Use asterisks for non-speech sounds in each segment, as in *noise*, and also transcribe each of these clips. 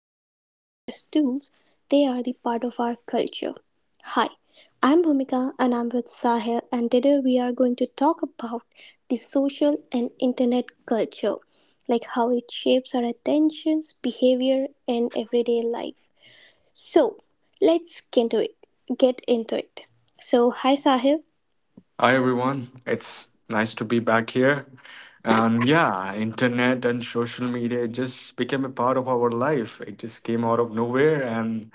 longer just tools, they are the part of our culture. Hi, I'm Bhumika and I'm with Sahil, and today we are going to talk about the social and internet culture, like how it shapes our attentions, behavior, and everyday life. So, let's get into it. Get into it. So, hi Sahil. Hi everyone, it's nice to be back here. And yeah, internet and social media it just became a part of our life. It just came out of nowhere, and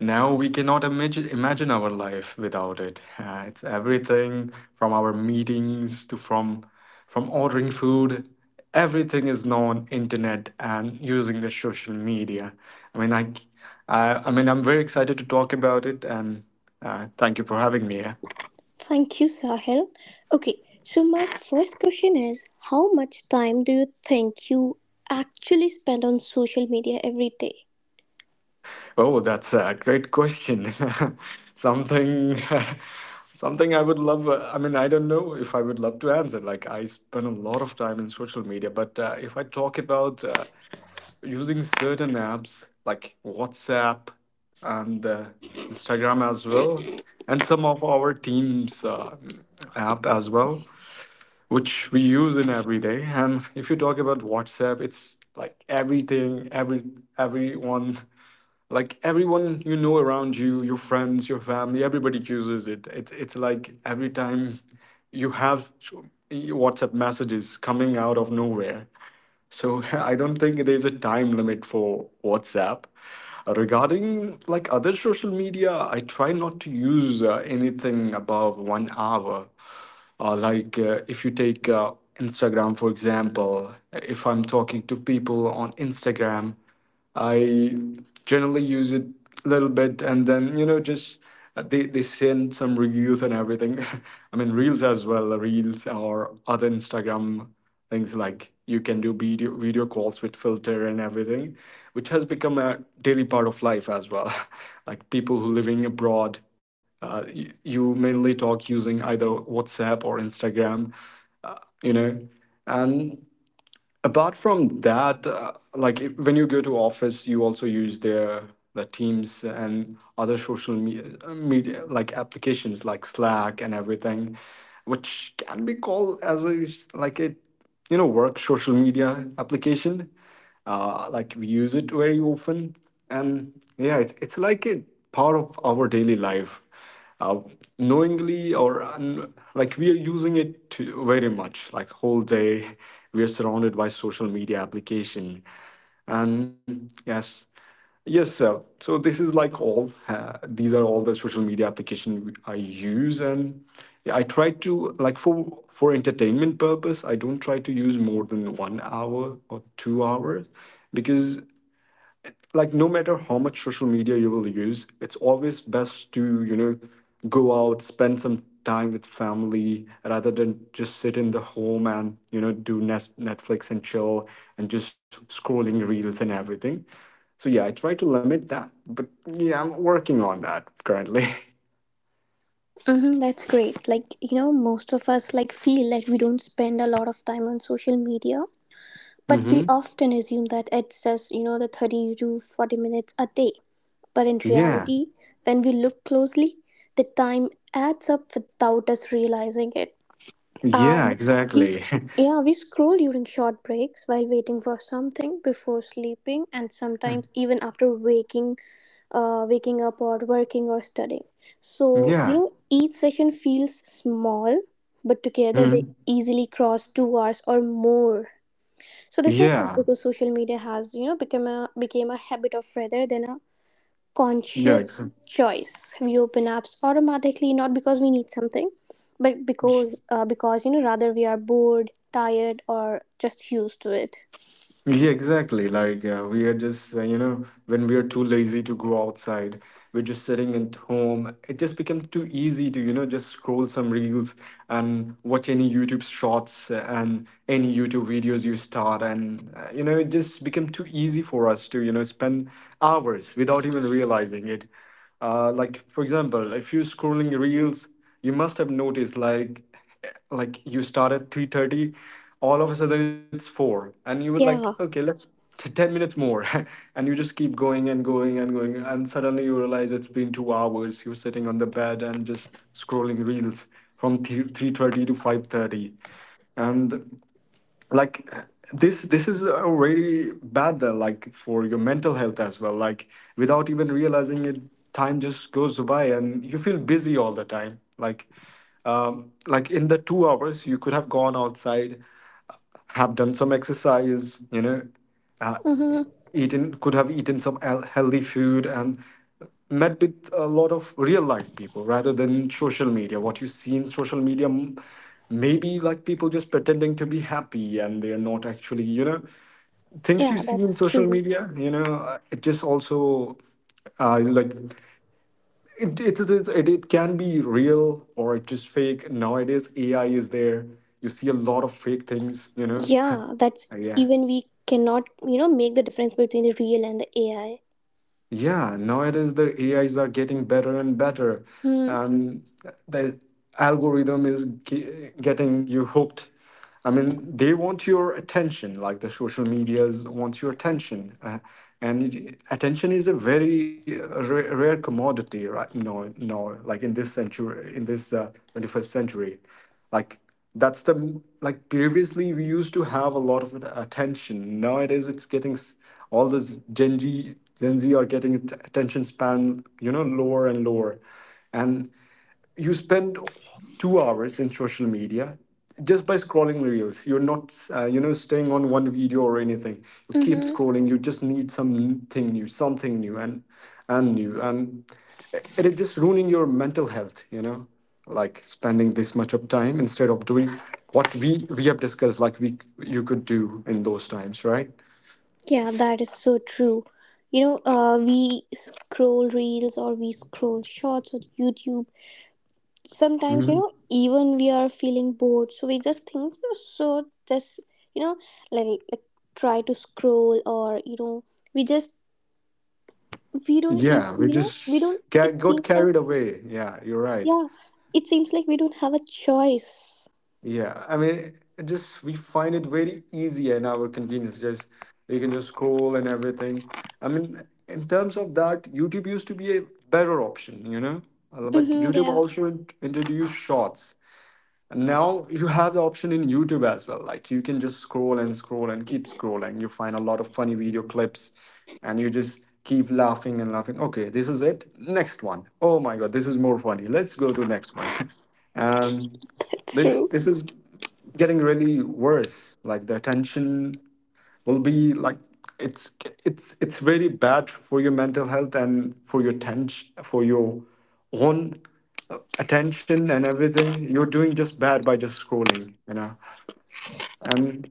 now we cannot imagine our life without it. It's everything from our meetings to from ordering food. Everything is now on internet and using the social media. I mean, I mean, I'm very excited to talk about it, and thank you for having me. Thank you, Sahil. Okay, so my first question is: how much time do you think you actually spend on social media every day? Oh, that's a great question. *laughs* Something, *laughs* something I would love. I mean, I don't know if I would love to answer. Like, I spend a lot of time in social media, but if I talk about using certain apps like WhatsApp and Instagram as well, and some of our team's app as well, which we use in every day. And if you talk about WhatsApp, it's like everything, everyone, like everyone you know around you, your friends, your family, everybody uses it. It's like every time you have WhatsApp messages coming out of nowhere, so *laughs* I don't think there's a time limit for WhatsApp. Regarding like other social media, I try not to use anything above 1 hour. If you take Instagram for example, if I'm talking to people on Instagram, I generally use it a little bit, and then, just they send some reels and everything. *laughs* I mean, reels as well, reels or other Instagram things, like you can do video calls with filter and everything, which has become a daily part of life as well. *laughs* Like people who living abroad, you mainly talk using either WhatsApp or Instagram, you know. And. Apart from that, like if, when you go to office, you also use the Teams and other social media, media like applications like Slack and everything, which can be called as like a work social media application. Like we use it very often, and yeah, it's like a part of our daily life, uh, knowingly or like we are using it to very much like whole day. We are surrounded by social media application, and yes, yes sir. So this is like all these are all the social media application I use, and I try to like for entertainment purpose, I don't try to use more than 1 hour or 2 hours, because like no matter how much social media you will use, it's always best to go out, spend some time with family rather than just sit in the home and do Netflix and chill and just scrolling reels and everything. So yeah, I try to limit that, but yeah, I'm working on that currently. Mm-hmm, that's great. Like, you know, most of us like feel that we don't spend a lot of time on social media, *laughs* but Hmm. we often assume that it's just, you know, the 30 to 40 minutes a day. But in Yeah. reality, when we look closely, the time adds up without us realizing it. Yeah, And we exactly. sc- *laughs* yeah, we scroll during short breaks, while waiting for something, before sleeping, and sometimes even after waking up, or working or studying. So you Yeah. know, each session feels small, but together they Mhm. easily cross 2 hours or more. So this happens Yeah. because social media has, you know, become a became a habit of rather than a Yeah, conscious choice. We open apps automatically, not because we need something, but because you know, rather, we are bored, tired, or just used to it. yeah, exactly. Like we are just, you know, when we are too lazy to go outside, we're just sitting at home. It just becomes too easy to just scroll some reels and watch any YouTube shorts and any YouTube videos you start, and it just become too easy for us to spend hours without even realizing it. Like for example, if you're scrolling reels, you must have noticed like you start at 3:30, all of a sudden it's 4, and you were like, okay, Yeah. 10 minutes more. *laughs* And you just keep going and going and going, and suddenly you realize it's been 2 hours, you're sitting on the bed and just scrolling reels from 3.30 to 5:30. And like, this is already bad then, like for your mental health as well. Like, without even realizing it, time just goes by and you feel busy all the time. Like in the 2 hours, you could have gone outside, have done some exercise, you know, uh, Mm-hmm. eaten could have eaten healthy food and met with a lot of real life people rather than social media. What you see in social media, maybe like people just pretending to be happy and they're not actually, things you Yeah, see in that's social true. media, it just also, uh, like it can be real or just fake. Nowadays AI is there, you see a lot of fake things. *laughs* Yeah, that's, Yeah. even we cannot, you know, make the difference between the real and the AI. Yeah, nowadays the AIs are getting better and better, and the algorithm is getting you hooked. I mean, they want your attention, like the social medias wants your attention, and attention is a very rare, rare commodity right now. No, like in this century, in this 21st century, like that's the like previously we used to have a lot of attention. Nowadays it's all this Gen Z are getting attention span, lower and lower. And you spend 2 hours in social media just by scrolling reels. You're not, staying on one video or anything, you keep Mm-hmm. scrolling, you just need something new, something new and new. And it is just ruining your mental health, like spending this much of time instead of doing what we have discussed, like we you could do in those times, right? Yeah, that is so true. You know, we scroll reels or we scroll shorts on YouTube sometimes, you Mhm. know, even we are feeling bored, so we just think, so just, you know, like try to scroll, or you know, we just, we don't Yeah, even, we you know, we just don't, it got seems like. carried away, yeah, you're right. Yeah, it seems like we don't have a choice. Yeah, I mean, it just we find it very easy and our convenience. Just we can just scroll and everything. I mean, in terms of that, YouTube used to be a better option. But Mm-hmm, YouTube yeah. also introduced shorts. And now you have the option in YouTube as well. Like you can just scroll and scroll and keep scrolling. You find a lot of funny video clips, and you just keep laughing and laughing. Okay, this is it. Next one. Oh my God, this is more funny. Let's go to next one. *laughs* And *laughs* That's this true. this is getting really worse. Like the attention will be like, it's it's very bad for your mental health and for your tension, for your own, attention, and everything you're doing just bad by just scrolling, and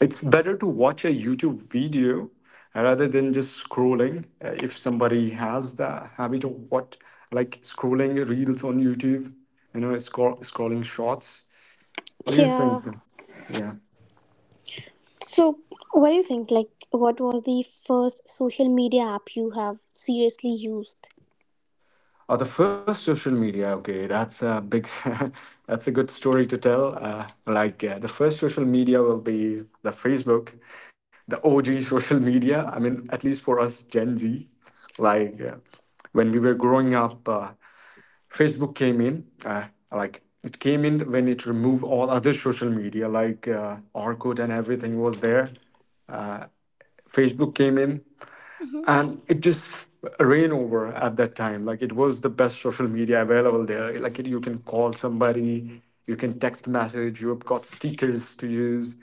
it's better to watch a YouTube video rather than just scrolling. If somebody has the habit of what, like scrolling reels on YouTube, scrolling shorts, what do you Yeah. think? Yeah. So what do you think, like, what was the first social media app you have seriously used? Oh, the first social media. Okay, that's a big, *laughs* that's a good story to tell. The first social media will be the Facebook, the OG *laughs* social media. I mean, at least for us Gen Z, like when we were growing up, Facebook came in. Like it came in when it removed all other social media, like Orkut and everything was there. Facebook came in Mm-hmm. and it just ran over. At that time, like, it was the best social media available there. Like, you can call somebody, you can text message, you've got stickers to use,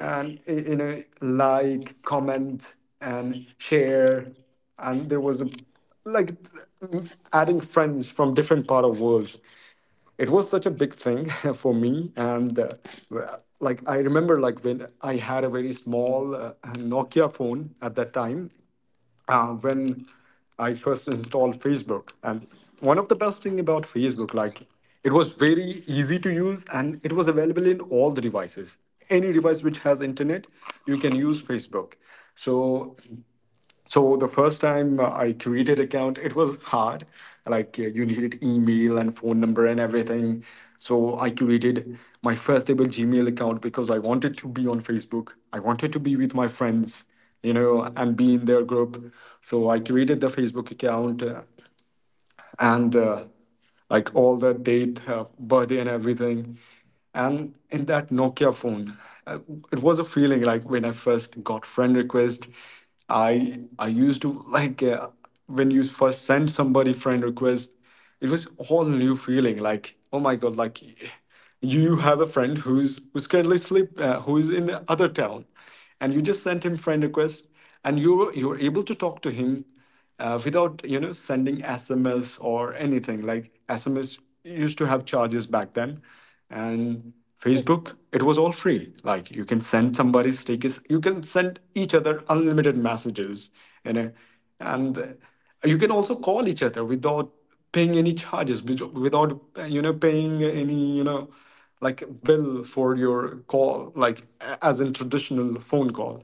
and like comment and share. And there was a like adding friends from different part of worlds. It was such a big thing *laughs* for me, and well, like I remember like when I had a very small Nokia phone at that time, when I first installed Facebook. And one of the best thing about Facebook, like, it was very easy to use and it was available in all the devices. Any device which has internet, you can use Facebook. So so the first time I created account, it was hard. Like, you needed email and phone number and everything. So I created my first ever Gmail account, because I wanted to be on Facebook, I wanted to be with my friends, and be in their group. So I created the Facebook account, and like all the date, birthday, and everything. And in that Nokia phone, uh, it was a feeling like when I first got friend request, I used to like, when you first send somebody friend request, it was whole new feeling like, oh my god, like you have a friend who's currently sleep, who's in the other town, and you just sent him friend request, and you were able to talk to him, without sending SMS or anything. Like SMS used to have charges back then, and Facebook it was all free. Like you can send somebody stickers, you can send each other unlimited messages, you know, and you can also call each other without paying any charges without paying any like bill for your call, like as in traditional phone call.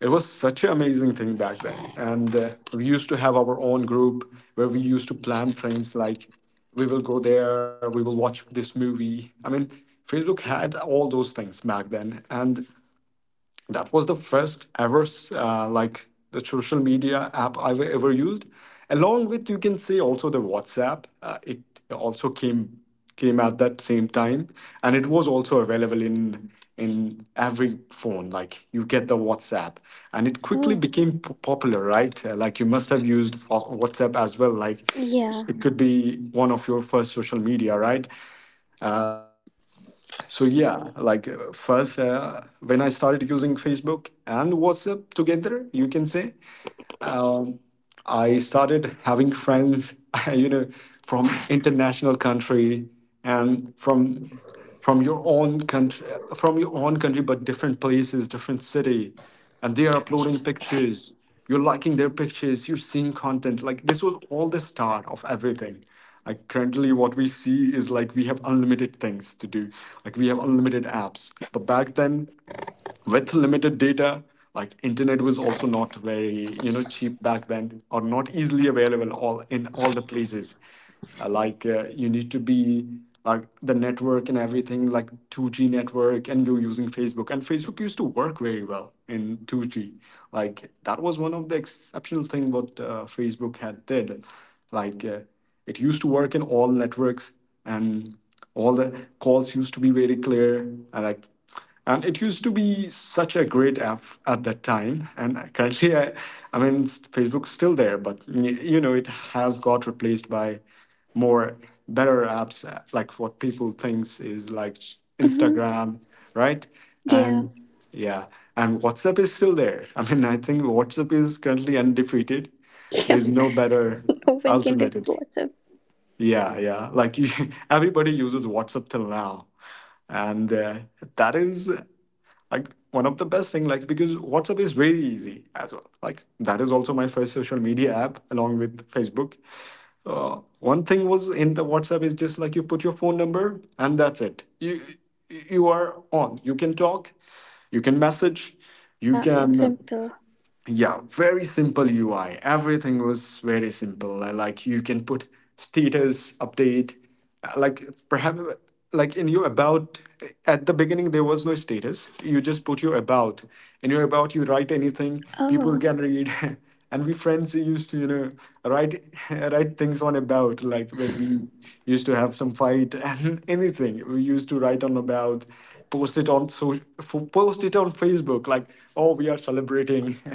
It was such an amazing thing back then, and we used to have our own group where we used to plan things like, we will go there, we will watch this movie. I mean, Facebook had all those things back then, and that was the first ever uh, like the social media app I've ever used, along with you can say also the WhatsApp. It also came at that same time, and it was also available in every phone. Like you get the WhatsApp and it quickly Oh, became popular, right? Like you must have used WhatsApp as well, like yeah. it could be one of your first social media, right? So yeah, like first, when I started using Facebook and WhatsApp together, you can say I started having friends, *laughs* you know, from international country, and from your own country, but different places, different city, and they are uploading pictures. You're liking their pictures. You're seeing content. Like this was all the start of everything. Like currently, what we see is like we have unlimited things to do. Like we have unlimited apps. But back then, with limited data, like internet was also not very, you know, cheap back then, or not easily available all in all the places. You need to be like the network and everything, like 2g network, and you're using Facebook, and Facebook used to work very well in 2g. Like that was one of the exceptional thing what Facebook had did. like uh, it used to work in all networks, and all the calls used to be very clear, and like and it used to be such a great app at that time. And *laughs* currently, I mean, Facebook's still there, but you know, it has got replaced by more better apps, like what people thinks is like Mm-hmm. Instagram, right? Yeah. And yeah, and WhatsApp is still there. *laughs* I mean, I think WhatsApp is currently undefeated. *laughs* Yeah, There's no better no one can do alternatives. WhatsApp. Yeah, yeah. Like you, *laughs* everybody uses WhatsApp till now, and that is like one of the best thing, like because WhatsApp is very easy as well, like that is also my first social media app along with Facebook. One thing was in the WhatsApp is just like you put your phone number and that's it. You are on, you can talk, you can message, you Yeah, it's can simple. yeah, very simple UI. Everything was very simple. Like you can put status update. Like perhaps like in your about, at the beginning there was no status. You just put your about. In your about you write anything, people Oh, can read. *laughs* And we friends used to, you know, write, *laughs* write things on about, like when we used to have some fight, and *laughs* anything we used to write on about, post it on post it on Facebook like, oh, we are celebrating, *laughs*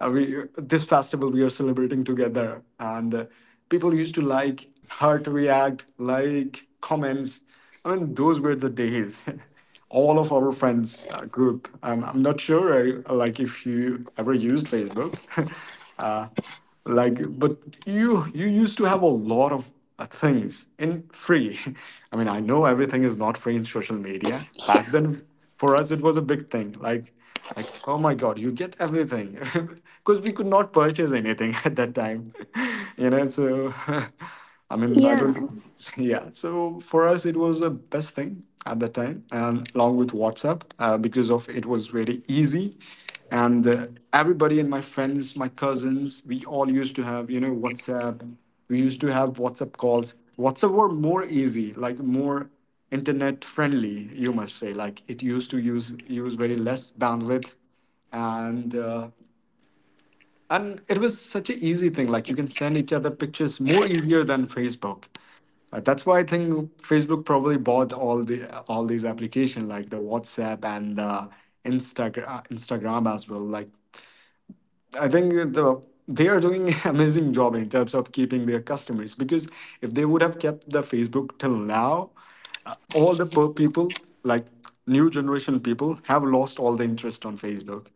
we this festival we are celebrating together, and people used to like hurt react like comments. I mean, those were the days. *laughs* All of our friends group. I'm not sure like if you ever used Facebook. *laughs* uh, but you used to have a lot of things in free. *laughs* I mean, I know everything is not free in social media yeah. back then, for us it was a big thing, like, oh my god, you get everything, *laughs* because we could not purchase anything *laughs* at that time. *laughs* You know, so *laughs* I mean, I Yeah. don't *laughs* yeah, so for us it was the best thing at that time, and along with WhatsApp, because of it was really easy, and everybody and my friends, my cousins, we all used to have, you know, WhatsApp. We used to have WhatsApp calls. WhatsApp were more easy, like more internet friendly, you must say, like it used to use very less bandwidth, and it was such an easy thing, like you can send each other pictures more easier than Facebook. That's why I think Facebook probably bought all the all these application, like the WhatsApp and the Instagram as well. Like I think that they are doing *laughs* amazing job in terms of keeping their customers, because if they would have kept the Facebook till now, all the people like new generation people have lost all the interest on Facebook.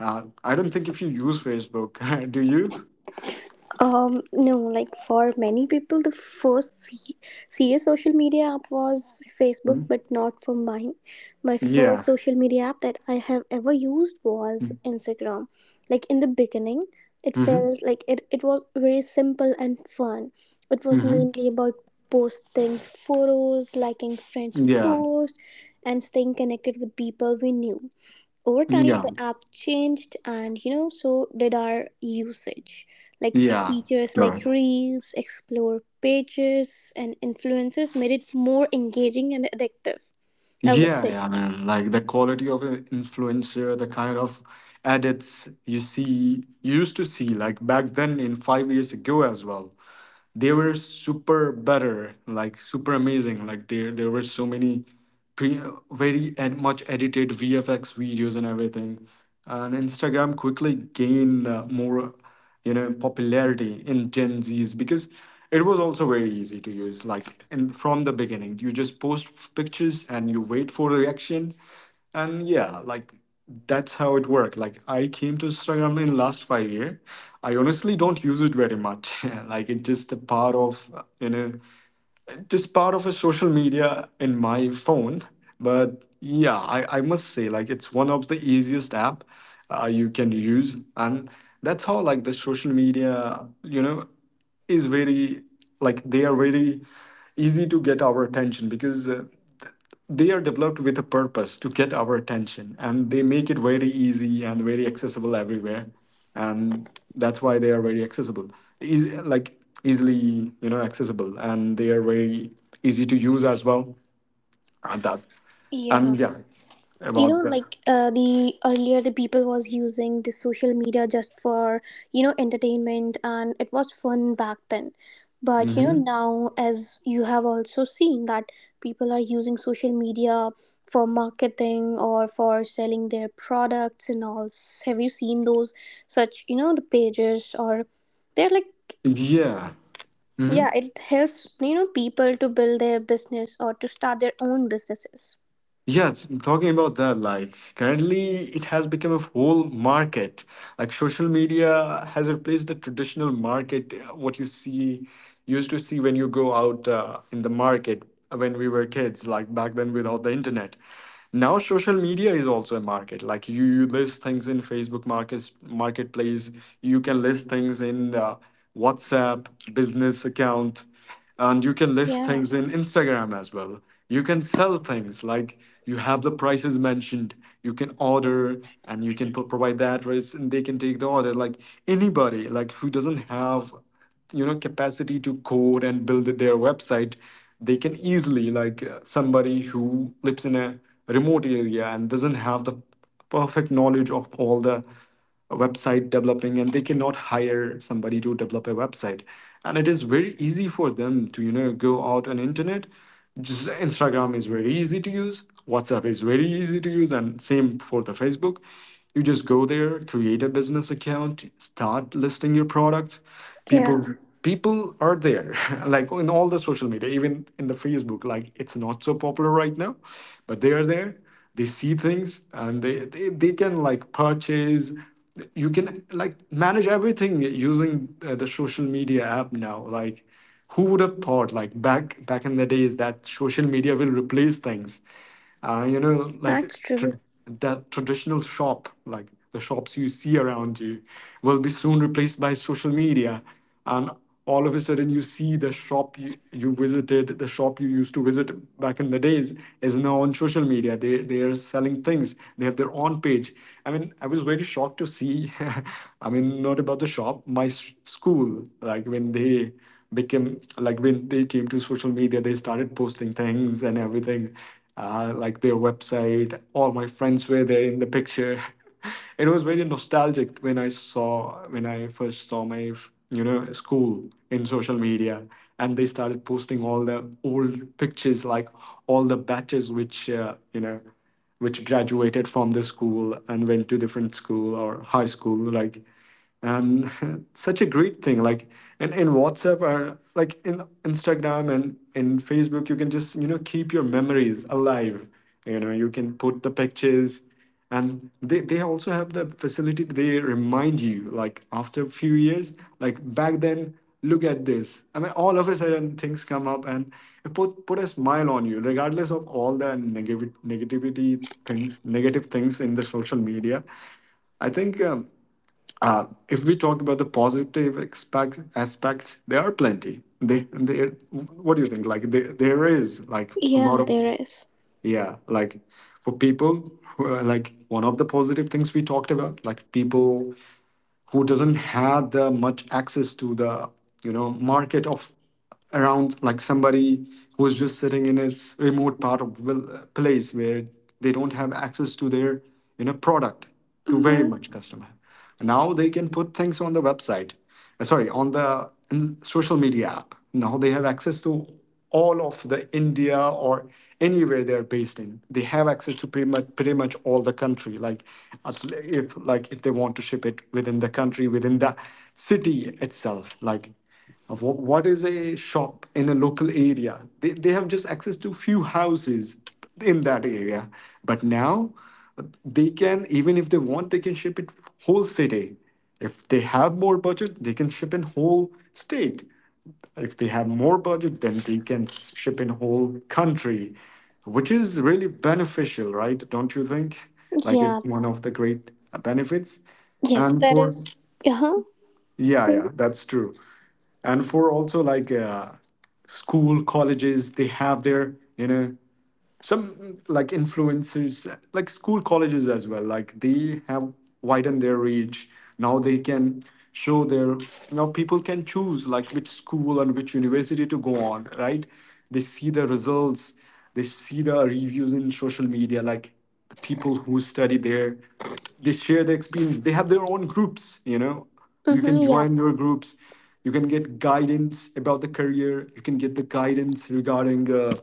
I don't think if you use Facebook, *laughs* do you? No, like for many people, the first serious social media app was Facebook, Mm. but not for mine. My first Yeah. social media app that I have ever used was Hmm. Instagram. Like in the beginning, it Mm-hmm. felt like it was very simple and fun. It was Mm-hmm. mainly about posting photos, liking friends' posts, and staying connected with people we knew. Over time the Yeah. app changed, and you know, so did our usage. Like Yeah. features Yeah. like reels, explore pages, and influencers made it more engaging and addictive, I would Yeah, say. yeah, man. Like the quality of an influencer, the kind of edits you see, you used to see, like back then in 5 years ago as well, they were super better, like super amazing. Like there were so many pre very ed much edited VFX videos and everything. And Instagram quickly gained more, you know, popularity in Gen Z's, because it was also very easy to use. Like in from the beginning, you just post pictures and you wait for the reaction, and yeah, like that's how it worked. Like I came to Instagram in last 5 year. I honestly don't use it very much. *laughs* Like it's just a part of you know, just part of a social media in my phone. But yeah, I must say like it's one of the easiest app you can use, and that's how like the social media, you know, is very like they are very easy to get our attention, because they are developed with a purpose to get our attention, and they make it very easy and very accessible everywhere. And that's why they are very accessible. Easy, like easily, you know, accessible, and they are very easy to use as well. And that Yeah, and yeah, you about know, that. like the earlier the people was using the social media just for, you know, entertainment, and it was fun back then. But you know, Hmm. now as you have also seen, that people are using social media for marketing or for selling their products and all. Have you seen those, such, you know, the pages, or they're like. Yeah. Mhm. Yeah, it helps, you know, people to build their business or to start their own businesses. Yes, talking about that, like currently it has become a whole market. Like social media has replaced the traditional market, what you see, used to see when you go out in the market when we were kids, like back then without the internet. Now social media is also a market. Like you list things in Facebook markets, marketplace, you can list things in WhatsApp business account, and you can list Yeah. things in Instagram as well. You can sell things like you have the prices mentioned, you can order and you can provide the address, and they can take the order. Like anybody like who doesn't have, you know, capacity to code and build their website, they can easily like somebody who lives in a remote area and doesn't have the perfect knowledge of all the website developing, and they cannot hire somebody to develop a website, and it is very easy for them to, you know, go out on internet. Just Instagram is very easy to use, WhatsApp is very easy to use, and same for the Facebook. You just go there, create a business account, start listing your products. Yeah, People people are there, *laughs* like in all the social media, even in the Facebook, like it's not so popular right now, but they are there. They see things, and they can like purchase. You can like manage everything using the social media app now. Like who would have thought like back in the days that social media will replace things, you know, like that's true. That traditional shop, like the shops you see around you will be soon replaced by social media. And all of a sudden, you see the shop you visited, the shop you used to visit back in the days, is now on social media. They are selling things, they have their own page. I mean, I was very shocked to see, *laughs* I mean, not about the shop, my school, like when they became like when they came to social media, they started posting things and everything, like their website. All my friends were there in the picture. *laughs* It was very nostalgic when I first saw my school in social media, and they started posting all the old pictures, like all the batches which you know which graduated from the school and went to different school or high school, like, and *laughs* such a great thing, like, and in whatsapp, or like in instagram and in facebook, you can just keep your memories alive. You can put the pictures, and they also have the facility. They remind you, like, after a few years, like back then, look at this. I mean, all of a sudden things come up, and it put a smile on you, regardless of all the negative things in the social media. I think, if we talk about the positive aspects, there are plenty. There, there. What do you think? Like, there is like a Yeah, lot of. there is. Yeah. Like, for people who are like one of the positive things we talked about, like, people who doesn't have the much access to the market of, around, like, somebody who is just sitting in his remote part of place where they don't have access to their product, to very Mm-hmm. much customer. Now they can put things on the website. Sorry, on the in the social media app. Now they have access to all of the India, or anywhere they're based in. They have access to pretty much all the country. Like, as if, like, if they want to ship it within the country, within the city itself. Like, what is a shop in a local area, they have just access to few houses in that area. But now they can, even if they want, they can ship it whole city. If they have more budget, they can ship in whole state. If they have more budget, then they can ship in whole country, which is really beneficial, right? Don't you think, like, Yeah. it's one of the great benefits. Yes, And that for, is. Uh huh. yeah, Good. yeah, that's true. And for, also, like, school colleges, they have their you know some, like, influencers. Like, school colleges as well, like, they have widened their reach. Now they can show their, now people can choose, like, which school and which university to go on, right? They see the results, they see the reviews in social media, like the people who study there, they share their experience, they have their own groups. You Mm-hmm. can Yeah. join their groups, you can get guidance about the career, you can get the guidance regarding,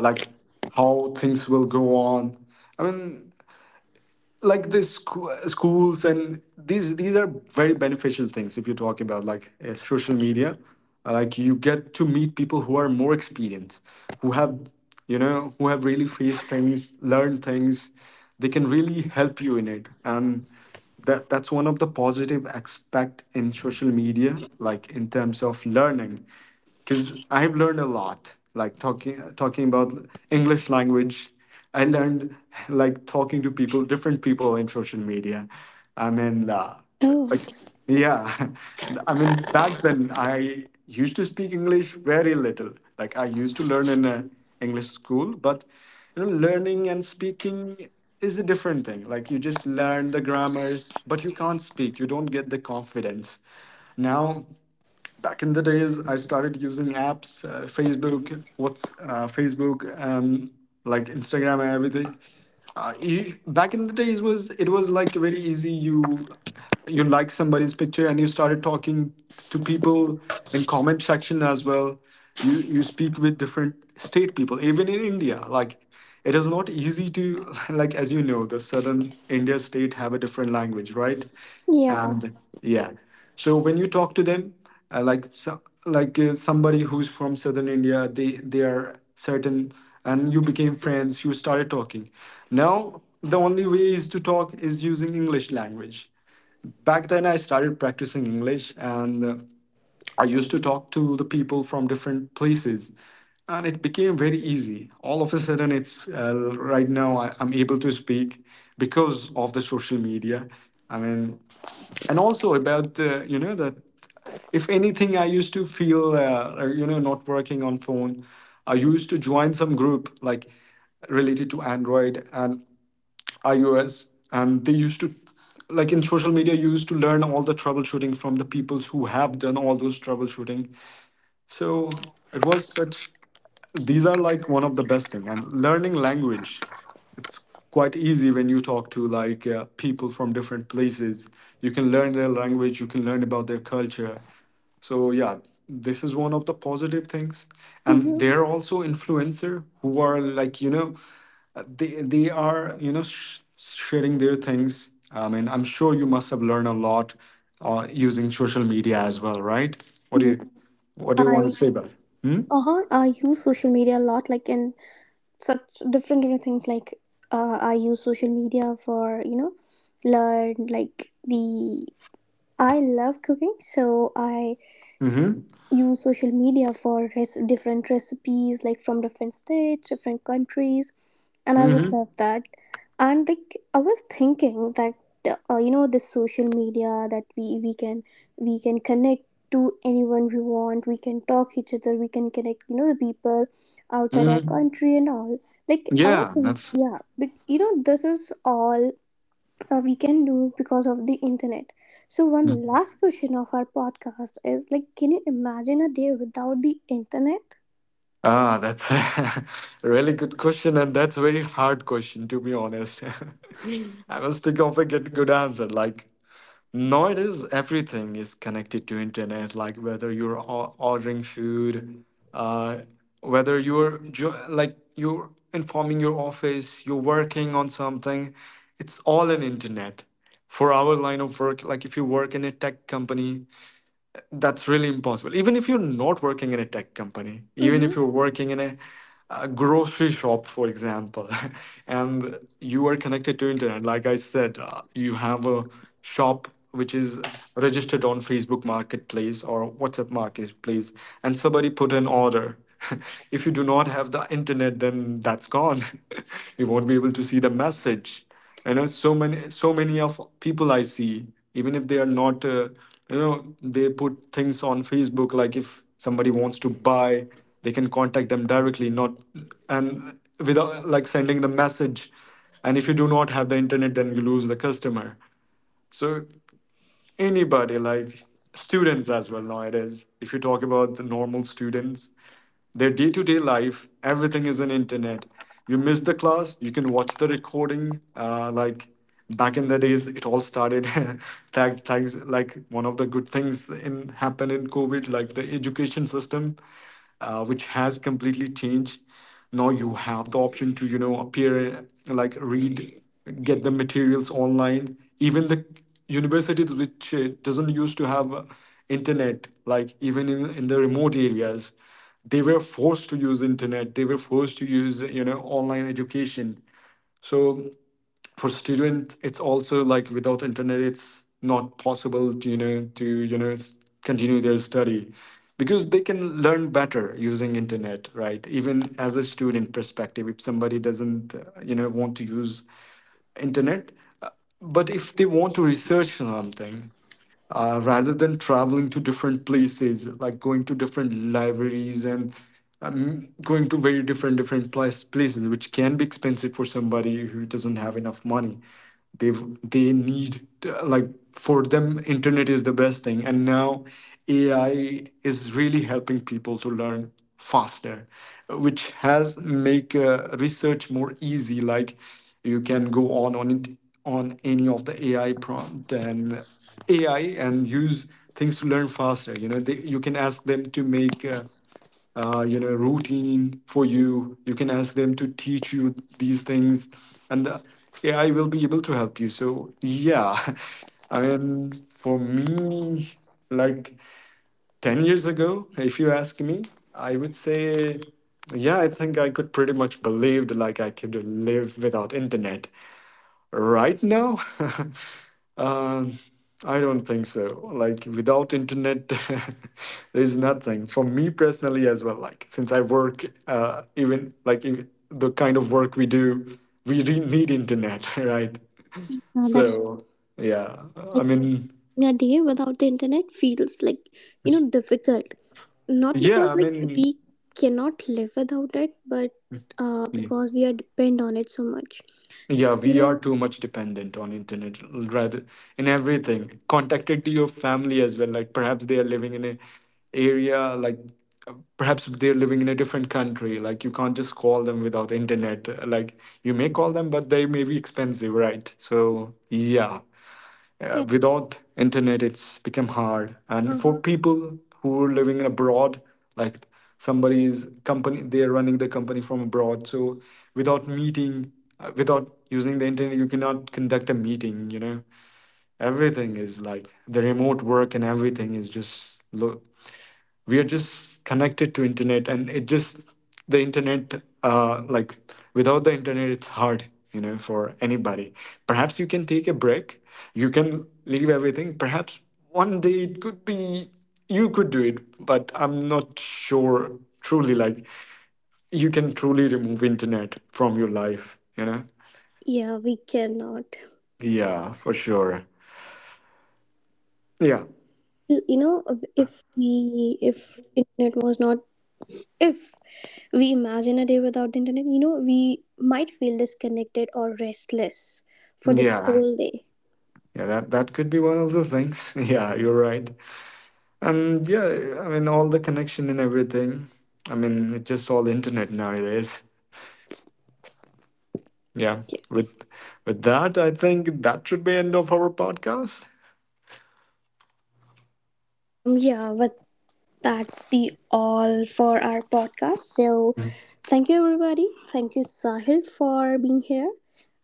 like, how things will go on. I mean, like the schools, and these are very beneficial things if you're talking about, like, social media. Like you get to meet people who are more experienced, who have who have really faced things, learned things. They can really help you in it, and that's one of the positive aspect in social media, like in terms of learning, because I have learned a lot. Like, talking about English language, I learned, like, talking to people, different people in social media. I mean, Oh. like, yeah, *laughs* I mean back then I used to speak English very little. Like, I used to learn in a English school, but learning and speaking is a different thing. Like, you just learn the grammars, but you can't speak. You don't get the confidence now. Back in the days, I started using apps, Facebook, like Instagram and everything. Back in the days was it was like very easy. You like somebody's picture, and you started talking to people in comment section as well. You speak with different state people, even in India. Like, it is not easy to, *laughs* like, as you know, the southern India state have a different language, right? Yeah. And yeah. So when you talk to them, like, so, like, somebody who's from southern India, they are certain, and you became friends, you started talking. Now the only way is to talk is using English language. Back then I started practicing English, and I used to talk to the people from different places, and it became very easy. All of a sudden, it's right now I'm able to speak because of the social media. I mean, and also about, that, if anything, I used to feel, or, not working on phone, I used to join some group, like related to Android and iOS, and they used to, like, in social media you used to learn all the troubleshooting from the peoples who have done all those troubleshooting. So it was such, these are like one of the best thing, and learning language, it's quite easy when you talk to, like, people from different places. You can learn their language, you can learn about their culture. So yeah, this is one of the positive things. And Mm-hmm. they're also influencer who are, like, they, they are sharing their things. I mean, I'm sure you must have learned a lot, using social media as well, right? what do Yeah, you what do you want to I. say about it? Hmm? Uh huh. I use social media a lot, like in such different different things. Like, I use social media for, you know, learn like the. I love cooking, so I Mm-hmm. use social media for different recipes, like from different states, different countries, and I Mm-hmm. would love that. And like I was thinking that you know, this social media that we can, we can connect to anyone we want. We can talk each other. We can connect, you know, the people outside our Mm-hmm. country and all. Like I was Yeah, thinking, that's. yeah, but you know, this is all we can do because of the internet. So one last question of our podcast is like, can you imagine a day without the internet? Ah, that's *laughs* a really good question, and that's a very hard question, to be honest. *laughs* I must think of a good, good answer. Like, nowadays, everything is connected to internet. Like, whether you're ordering food, uh, whether you're like, you're informing your office, you're working on something, it's all an internet. For our line of work, like if you work in a tech company, that's really impossible. Even if you're not working in a tech company, even Mm-hmm. if you're working in a, grocery shop, for example, *laughs* and you are connected to internet, like I said, you have a shop which is registered on Facebook marketplace or WhatsApp marketplace, and somebody put an order. *laughs* If you do not have the internet, then that's gone. *laughs* You won't be able to see the message. So many, of people I see, even if they are not, they put things on Facebook, like if somebody wants to buy, they can contact them directly, not, and without, like, sending the message. And if you do not have the internet, then you lose the customer. So anybody, like students as well, nowadays, if you talk about the normal students, their day-to-day life, everything is on internet. You miss the class, you can watch the recording, like back in the days it all started. *laughs* Thanks, like one of the good things in happened in COVID, like the education system, which has completely changed. Now you have the option to appear, like, read, get the materials online, even the universities which doesn't used to have internet, like even in the remote areas, they were forced to use internet, they were forced to use online education. So for student, it's also like without internet it's not possible to continue their study, because they can learn better using internet, right? Even as a student perspective, if somebody doesn't, want to use internet, uh, but if they want to research something, rather than traveling to different places, like going to different libraries, and going to very places, which can be expensive for somebody who doesn't have enough money. They they like, for them internet is the best thing. And now AI is really helping people to learn faster, which has make research more easy. Like, you can go on it, on any of the AI prompt, and AI, and use things to learn faster. You know, you can ask them to make, routine for you. You can ask them to teach you these things, and the AI will be able to help you. So, yeah, *laughs* I mean, for me, like, 10 years ago, if you ask me, I would say, yeah, I think I could pretty much believed like I could live without internet. Right now, *laughs* um, I don't think so. Like, without internet, *laughs* there is nothing for me personally as well. Like, since I work, even like in the kind of work we do, we need internet, *laughs* right? That's So yeah, I mean, a day without the internet feels like, you know, difficult, not yeah, because I like mean. we cannot live without it, but uh, Yeah. because we are depend on it so much, Yeah, you we are know. too much dependent on internet, rather, in everything. Contacted to your family as well. Like, perhaps they are living in a area, like, perhaps they're living in a different country. Like, you can't just call them without internet. Like, you may call them, but they may be expensive, right? So yeah. Yeah. Without internet, it's become hard. And for Uh-huh. people who are living in abroad, like, somebody's company, they're running the company from abroad. So without meeting, without using the internet, you cannot conduct a meeting. Everything is like the remote work, and everything is just low. We are just connected to internet, and it just the internet, like without the internet it's hard, for anybody. Perhaps you can take a break, you can leave everything. Perhaps one day it could be, you could do it, but I'm not sure, truly, like, you can truly remove internet from your life. Yeah, we cannot. Yeah, for sure. Yeah. Well, you know, if internet was not, if we imagine a day without the internet, you know, we might feel disconnected or restless for the Yeah, whole day. yeah that could be one of the things. *laughs* Yeah, you're right. And yeah, I mean, all the connection and everything. I mean, it's just all internet nowadays. Yeah. With with that, I think that should be end of our podcast. Um, yeah, that's the all for our podcast. So thank you everybody. Thank you, Sahil, for being here.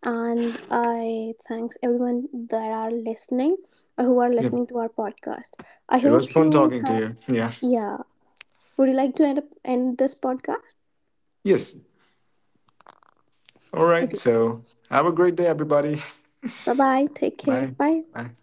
And I thanks everyone that are listening, or who are Yep. listening to our podcast. I It was hope fun you talking to have, you. Yeah. yeah. Would you like to end this podcast? Yes. All right. Okay. So have a great day, everybody. Bye bye. Take *laughs* care. Bye. Bye. Bye.